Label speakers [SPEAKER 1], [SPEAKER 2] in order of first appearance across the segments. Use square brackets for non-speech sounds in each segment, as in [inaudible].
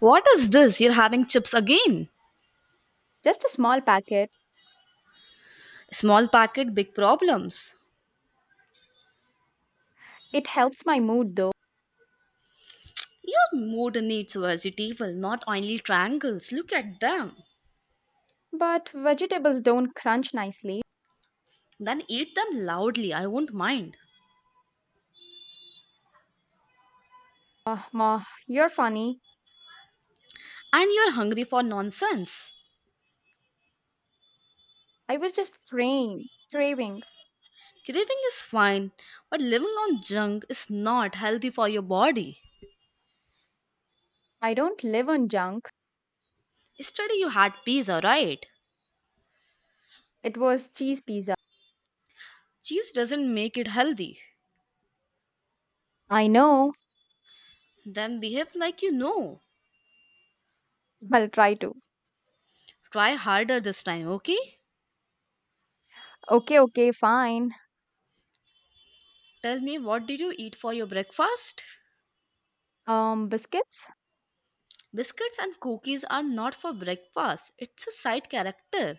[SPEAKER 1] What is this? You're having chips again?
[SPEAKER 2] Just a small packet.
[SPEAKER 1] Small packet, big problems.
[SPEAKER 2] It helps my mood though.
[SPEAKER 1] Your mood needs vegetable, not only triangles. Look at them.
[SPEAKER 2] But vegetables don't crunch nicely.
[SPEAKER 1] Then eat them loudly, I won't mind.
[SPEAKER 2] Ma, you're funny.
[SPEAKER 1] And you're hungry for nonsense.
[SPEAKER 2] I was just craving, craving.
[SPEAKER 1] Craving is fine, but living on junk is not healthy for your body.
[SPEAKER 2] I don't live on junk.
[SPEAKER 1] Yesterday you had pizza, right?
[SPEAKER 2] It was cheese pizza.
[SPEAKER 1] Cheese doesn't make it healthy.
[SPEAKER 2] I know.
[SPEAKER 1] Then behave like you know.
[SPEAKER 2] I'll try to.
[SPEAKER 1] Try harder this time, okay?
[SPEAKER 2] Okay, okay, fine.
[SPEAKER 1] Tell me, what did you eat for your breakfast?
[SPEAKER 2] Biscuits?
[SPEAKER 1] Biscuits and cookies are not for breakfast, it's a side character.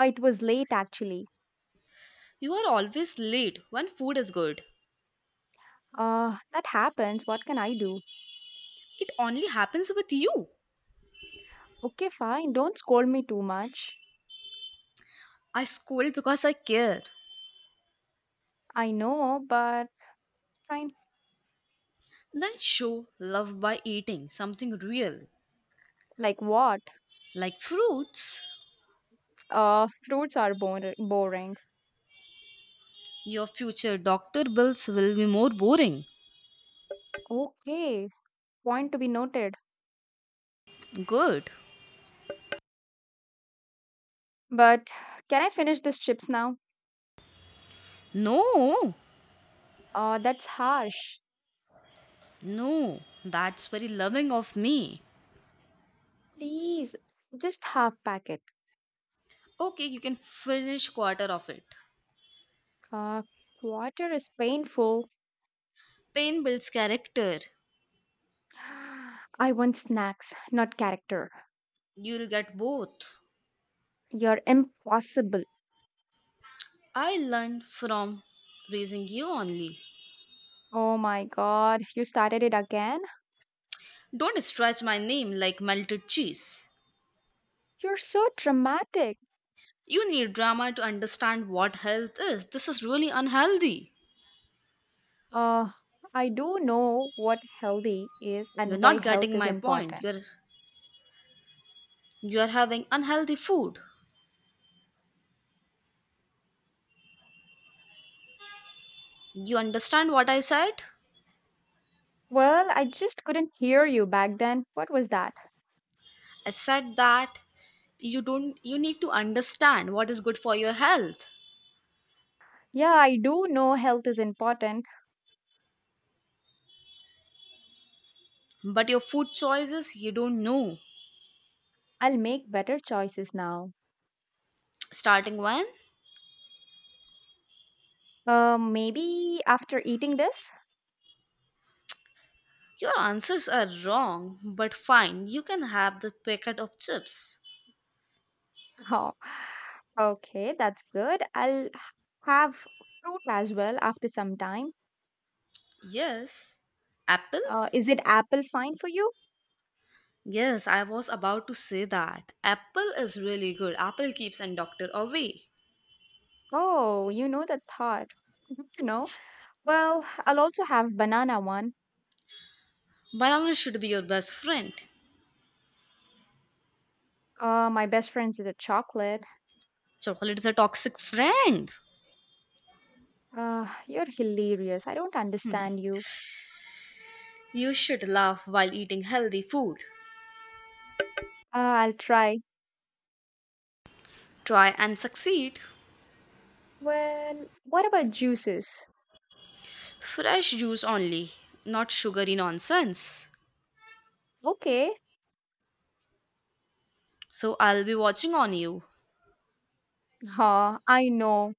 [SPEAKER 2] It was late actually.
[SPEAKER 1] You are always late when food is good.
[SPEAKER 2] That happens. What can I do?
[SPEAKER 1] It only happens with you.
[SPEAKER 2] Okay, fine. Don't scold me too much.
[SPEAKER 1] I scold because I care.
[SPEAKER 2] I know, but fine.
[SPEAKER 1] Then show love by eating something real,
[SPEAKER 2] Like what?
[SPEAKER 1] like fruits.
[SPEAKER 2] Fruits are boring.
[SPEAKER 1] Your future doctor bills will be more boring.
[SPEAKER 2] Okay, point to be noted.
[SPEAKER 1] Good.
[SPEAKER 2] But can I finish these chips now?
[SPEAKER 1] No,
[SPEAKER 2] That's harsh.
[SPEAKER 1] no, that's very loving of me.
[SPEAKER 2] Please, just half packet.
[SPEAKER 1] Okay, you can finish quarter of it.
[SPEAKER 2] Uh, Water is painful.
[SPEAKER 1] Pain builds character.
[SPEAKER 2] [sighs] I want snacks, not character.
[SPEAKER 1] You'll get both.
[SPEAKER 2] You're impossible.
[SPEAKER 1] I learned from raising you only.
[SPEAKER 2] Oh my god, you started it again?
[SPEAKER 1] Don't stretch my name like melted cheese.
[SPEAKER 2] You're so dramatic.
[SPEAKER 1] You need drama to understand what health is. This is really unhealthy.
[SPEAKER 2] Uh, I do know what healthy is
[SPEAKER 1] You're
[SPEAKER 2] and why
[SPEAKER 1] not
[SPEAKER 2] health
[SPEAKER 1] getting
[SPEAKER 2] is
[SPEAKER 1] my point.
[SPEAKER 2] important.
[SPEAKER 1] You're having unhealthy food. You understand what I said?
[SPEAKER 2] Well, I just couldn't hear you back then. What was that?
[SPEAKER 1] I said that you don't you need to understand what is good for your health.
[SPEAKER 2] Yeah, I do know health is important.
[SPEAKER 1] But your food choices you don't know.
[SPEAKER 2] I'll make better choices now.
[SPEAKER 1] Starting when?
[SPEAKER 2] Maybe after eating this?
[SPEAKER 1] Your answers are wrong, but fine, you can have the packet of chips.
[SPEAKER 2] [laughs] Oh, okay, that's good. I'll have fruit as well after some time.
[SPEAKER 1] Yes. Apple?
[SPEAKER 2] Is it apple fine for you?
[SPEAKER 1] Yes, I was about to say that. Apple is really good. Apple keeps and doctor away.
[SPEAKER 2] Oh, you know the thought. [laughs] Good to know. Well, I'll also have banana one.
[SPEAKER 1] Banana should be your best friend.
[SPEAKER 2] My best friend's is a chocolate.
[SPEAKER 1] Chocolate is a toxic friend.
[SPEAKER 2] You're hilarious. I don't understand you.
[SPEAKER 1] You should laugh while eating healthy food.
[SPEAKER 2] I'll try.
[SPEAKER 1] Try and succeed.
[SPEAKER 2] Well, what about juices?
[SPEAKER 1] Fresh juice only, not sugary nonsense.
[SPEAKER 2] Okay. [laughs]
[SPEAKER 1] So I'll be watching on you.
[SPEAKER 2] Huh, I know.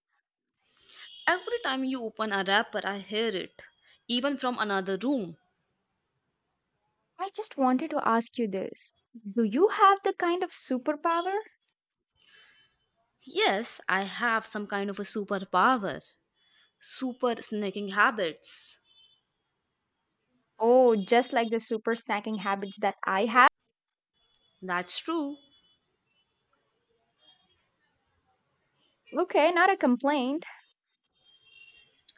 [SPEAKER 1] Every time you open a wrapper, I hear it, even from another room.
[SPEAKER 2] I just wanted to ask you this. Do you have the kind of superpower?
[SPEAKER 1] Yes, I have some kind of a superpower. Super snacking habits.
[SPEAKER 2] Oh, just like the super snacking habits that I have?
[SPEAKER 1] That's true.
[SPEAKER 2] Okay, not a complaint.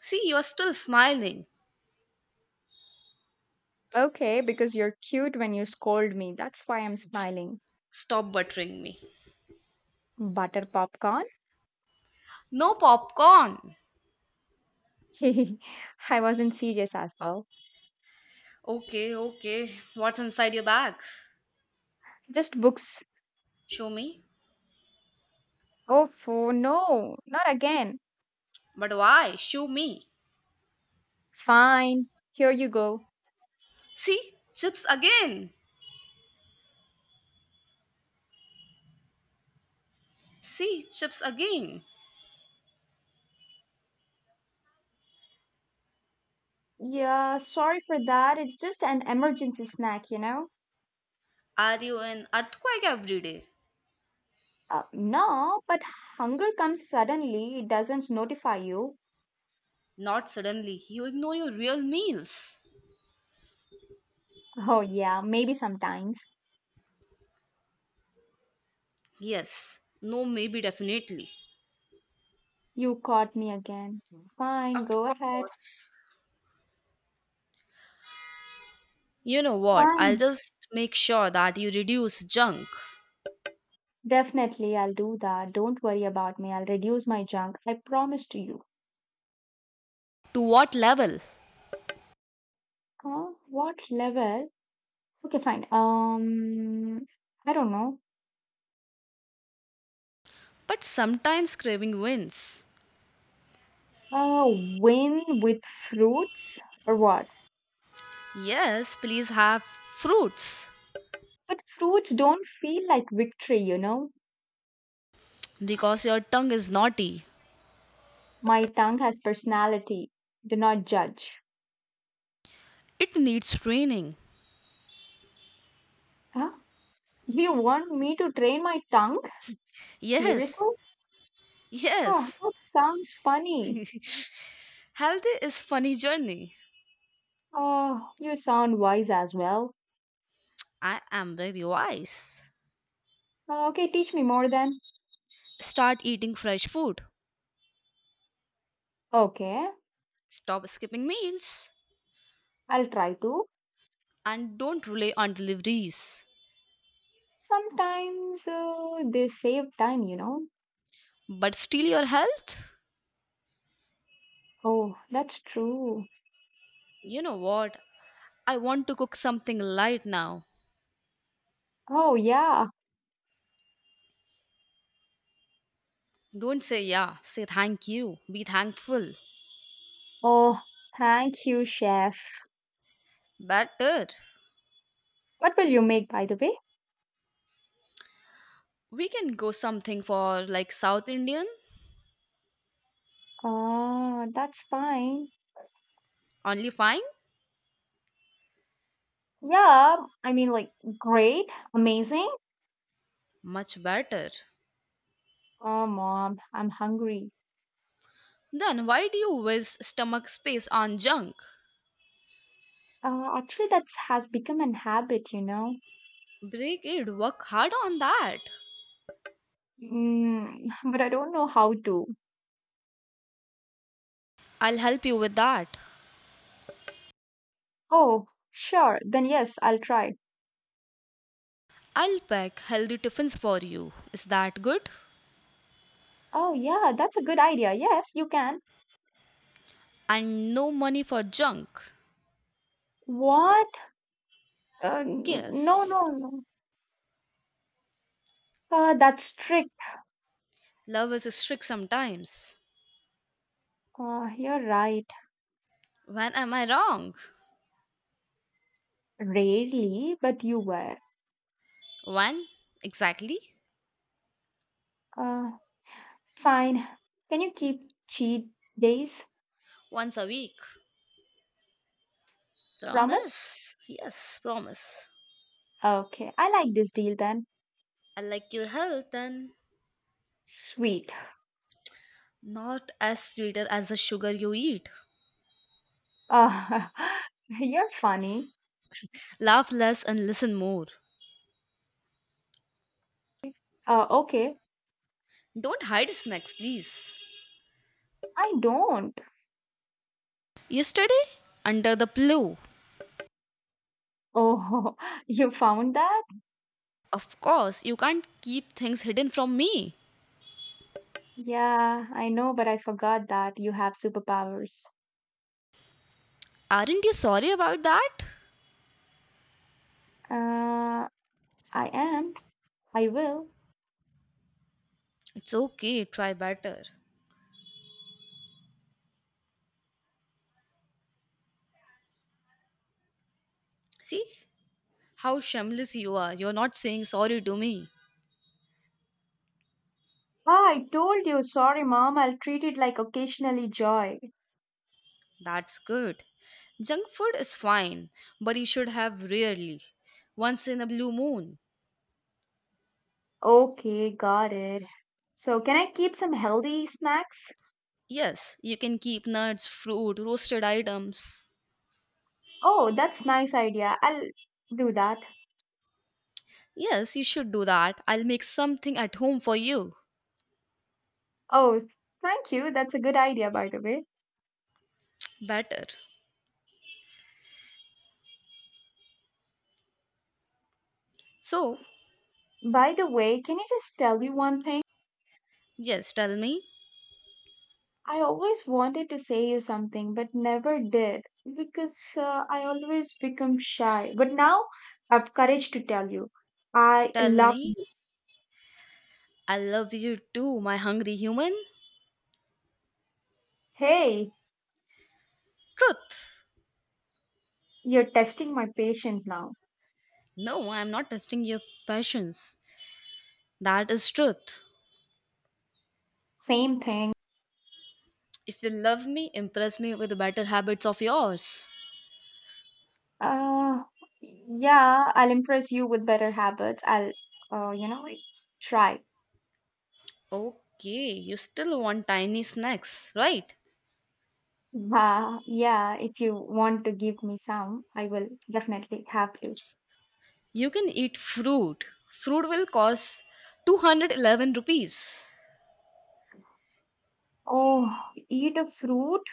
[SPEAKER 1] See, you're still smiling.
[SPEAKER 2] Okay, because you're cute when you scold me. That's why I'm
[SPEAKER 1] S-
[SPEAKER 2] smiling.
[SPEAKER 1] stop buttering me.
[SPEAKER 2] Butter popcorn?
[SPEAKER 1] No popcorn.
[SPEAKER 2] [laughs] I wasn't serious as well.
[SPEAKER 1] Okay, okay. What's inside your bag?
[SPEAKER 2] Just books.
[SPEAKER 1] Show me.
[SPEAKER 2] Oh, for no, not again.
[SPEAKER 1] But why? Show me.
[SPEAKER 2] Fine, here you go.
[SPEAKER 1] See, chips again. See, chips again.
[SPEAKER 2] Yeah, sorry for that. It's just an emergency snack, you know?
[SPEAKER 1] Are you an earthquake every day?
[SPEAKER 2] No, but hunger comes suddenly, it doesn't notify you.
[SPEAKER 1] Not suddenly. You ignore your real meals.
[SPEAKER 2] [laughs] Oh, yeah, maybe sometimes.
[SPEAKER 1] Yes. No, maybe, definitely.
[SPEAKER 2] You caught me again. Fine,
[SPEAKER 1] Of
[SPEAKER 2] go ahead.
[SPEAKER 1] course. You know what? I'll
[SPEAKER 2] Fine.
[SPEAKER 1] just make sure that you reduce junk.
[SPEAKER 2] Definitely, I'll do that. Don't worry about me. I'll reduce my junk. I promise to you.
[SPEAKER 1] To what level?
[SPEAKER 2] Huh? What level? Okay, fine. I don't know.
[SPEAKER 1] But sometimes craving wins.
[SPEAKER 2] Win with fruits or what?
[SPEAKER 1] Yes, please have fruits.
[SPEAKER 2] But fruits don't feel like victory, you know?
[SPEAKER 1] Because your tongue is naughty.
[SPEAKER 2] My tongue has personality. Do not judge.
[SPEAKER 1] It needs training.
[SPEAKER 2] Huh? You want me to train my tongue?
[SPEAKER 1] Yes,
[SPEAKER 2] Seriously? Huh,
[SPEAKER 1] yes.
[SPEAKER 2] that sounds funny.
[SPEAKER 1] [laughs] Healthy is funny journey.
[SPEAKER 2] Oh, you sound wise as well.
[SPEAKER 1] I am very wise.
[SPEAKER 2] Okay, teach me more then.
[SPEAKER 1] Start eating fresh food.
[SPEAKER 2] Okay,
[SPEAKER 1] Stop skipping meals.
[SPEAKER 2] I'll try to.
[SPEAKER 1] And don't rely on deliveries.
[SPEAKER 2] Sometimes they save time, you know.
[SPEAKER 1] But steal your health?
[SPEAKER 2] Oh, that's true.
[SPEAKER 1] You know what? I want to cook something light now.
[SPEAKER 2] Oh, yeah.
[SPEAKER 1] Don't say yeah, say thank you. Be thankful.
[SPEAKER 2] Oh, thank you, chef.
[SPEAKER 1] Better.
[SPEAKER 2] What will you make, by the way?
[SPEAKER 1] We can go something for like South Indian.
[SPEAKER 2] Oh, that's fine.
[SPEAKER 1] Only fine?
[SPEAKER 2] Yeah, I mean, like, great, amazing.
[SPEAKER 1] Much better.
[SPEAKER 2] Oh, mom, I'm hungry.
[SPEAKER 1] Then why do you waste stomach space on junk?
[SPEAKER 2] Actually, that has become an habit, you know.
[SPEAKER 1] Break it. Work hard on that.
[SPEAKER 2] Mm, [laughs] but I don't know how to.
[SPEAKER 1] I'll help you with that.
[SPEAKER 2] Oh, sure. Then yes, I'll try.
[SPEAKER 1] I'll pack healthy tiffins for you. Is that good?
[SPEAKER 2] Oh, yeah, that's a good idea. Yes, you can.
[SPEAKER 1] And no money for junk.
[SPEAKER 2] What? No, no,
[SPEAKER 1] Yes.
[SPEAKER 2] no. That's strict.
[SPEAKER 1] Love is strict sometimes.
[SPEAKER 2] You're right.
[SPEAKER 1] When am I wrong?
[SPEAKER 2] Rarely, but you were.
[SPEAKER 1] When exactly?
[SPEAKER 2] Uh, Fine. Can you keep cheat days?
[SPEAKER 1] Once a week.
[SPEAKER 2] Promise?
[SPEAKER 1] Promise. Yes, promise.
[SPEAKER 2] Okay, I like this deal then.
[SPEAKER 1] I like your health and
[SPEAKER 2] Sweet.
[SPEAKER 1] not as sweeter as the sugar you eat.
[SPEAKER 2] Uh, [laughs] you're funny.
[SPEAKER 1] Laugh less and listen more.
[SPEAKER 2] Okay.
[SPEAKER 1] Don't hide snacks, please.
[SPEAKER 2] I don't.
[SPEAKER 1] Yesterday, under the pillow.
[SPEAKER 2] Oh, [laughs] you found that?
[SPEAKER 1] Of course, you can't keep things hidden from me.
[SPEAKER 2] Yeah, I know, but I forgot that you have superpowers.
[SPEAKER 1] Aren't you sorry about that?
[SPEAKER 2] Uh, I am. I will.
[SPEAKER 1] It's okay, try better. See how shameless you are. You're not saying sorry to me.
[SPEAKER 2] Ah, I told you. Sorry, mom. I'll treat it like occasionally joy.
[SPEAKER 1] That's good. Junk food is fine, but you should have rarely. Once in a blue moon.
[SPEAKER 2] Okay, got it. So, can I keep some healthy snacks?
[SPEAKER 1] Yes, you can keep nuts, fruit, roasted items.
[SPEAKER 2] Oh, that's nice idea. I'll do that.
[SPEAKER 1] Yes, you should do that. I'll make something at home for you.
[SPEAKER 2] Oh, thank you. That's a good idea, by the way.
[SPEAKER 1] Better. So,
[SPEAKER 2] By the way, can you just tell me one thing?
[SPEAKER 1] yes, tell me.
[SPEAKER 2] I always wanted to say you something, but never did because I always become shy. But now I've courage to tell you. I
[SPEAKER 1] Tell
[SPEAKER 2] love
[SPEAKER 1] me.
[SPEAKER 2] you.
[SPEAKER 1] I love you too, my hungry human.
[SPEAKER 2] Hey,
[SPEAKER 1] Truth.
[SPEAKER 2] you're testing my patience now.
[SPEAKER 1] No, I'm not testing your passions. That is truth.
[SPEAKER 2] Same thing.
[SPEAKER 1] If you love me, impress me with the better habits of yours.
[SPEAKER 2] Uh, yeah, I'll impress you with better habits. I'll, you know, like, try.
[SPEAKER 1] Okay, you still want tiny snacks, right?
[SPEAKER 2] Yeah, if you want to give me some, I will definitely have you.
[SPEAKER 1] You can eat fruit. Fruit will cost 211 rupees.
[SPEAKER 2] Oh, eat a fruit?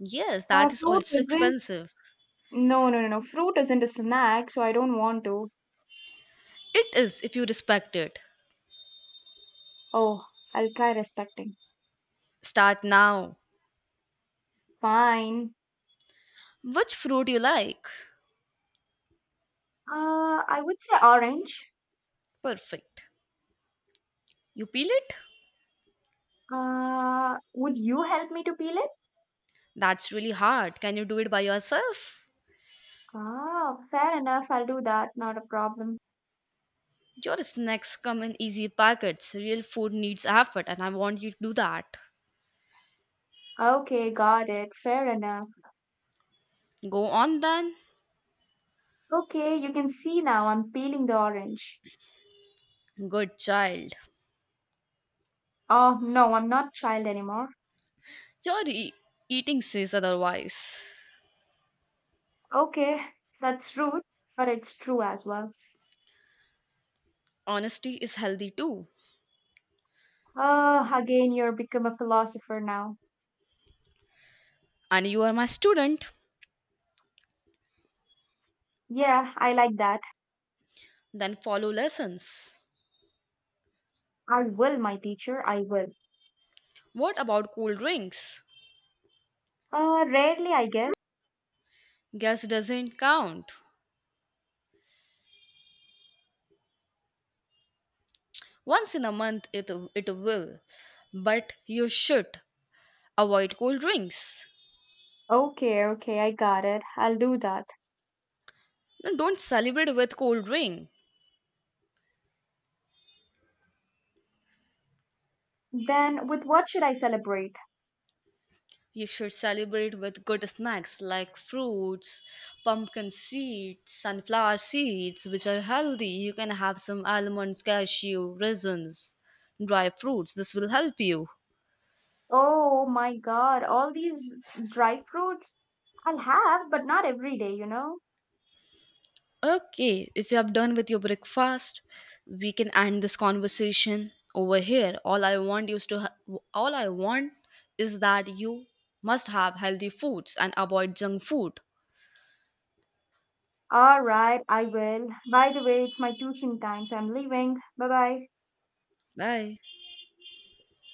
[SPEAKER 1] Yes, that is
[SPEAKER 2] Fruit
[SPEAKER 1] also
[SPEAKER 2] isn't
[SPEAKER 1] expensive.
[SPEAKER 2] no, no, no, no. Fruit isn't a snack, so I don't want to.
[SPEAKER 1] It is if you respect it.
[SPEAKER 2] Oh, I'll try respecting.
[SPEAKER 1] Start now.
[SPEAKER 2] Fine.
[SPEAKER 1] Which fruit you like?
[SPEAKER 2] I would say orange.
[SPEAKER 1] Perfect. You peel it?
[SPEAKER 2] Would you help me to peel it?
[SPEAKER 1] That's really hard. Can you do it by yourself?
[SPEAKER 2] Ah, fair enough. I'll do that. Not a problem.
[SPEAKER 1] Your snacks come in easy packets. Real food needs effort, and I want you to do that.
[SPEAKER 2] Okay, got it. Fair enough.
[SPEAKER 1] Go on then.
[SPEAKER 2] Okay, you can see now I'm peeling the orange.
[SPEAKER 1] Good child.
[SPEAKER 2] Oh, no, I'm not child anymore.
[SPEAKER 1] Your eating says otherwise.
[SPEAKER 2] Okay, that's rude, but it's true as well.
[SPEAKER 1] Honesty is healthy too.
[SPEAKER 2] Oh, again, you're become a philosopher now.
[SPEAKER 1] And you are my student,
[SPEAKER 2] Yeah, I like that.
[SPEAKER 1] then follow lessons.
[SPEAKER 2] I will, my teacher, I will.
[SPEAKER 1] What about cool drinks?
[SPEAKER 2] Rarely, I guess.
[SPEAKER 1] Guess doesn't count. Once in a month it will. But you should avoid cold drinks.
[SPEAKER 2] Okay, okay, I got it. I'll do that.
[SPEAKER 1] No, don't celebrate with cold drink.
[SPEAKER 2] Then, with what should I celebrate?
[SPEAKER 1] You should celebrate with good snacks like fruits, pumpkin seeds, sunflower seeds, which are healthy. You can have some almonds, cashew, raisins, dry fruits. This will help you.
[SPEAKER 2] Oh my god, all these dry fruits? I'll have, but not every day, you know?
[SPEAKER 1] Okay, if you have done with your breakfast, we can end this conversation over here. All I want is that you must have healthy foods and avoid junk food.
[SPEAKER 2] Alright, I will. By the way, it's my tuition time, so I'm leaving. Bye bye.
[SPEAKER 1] Bye.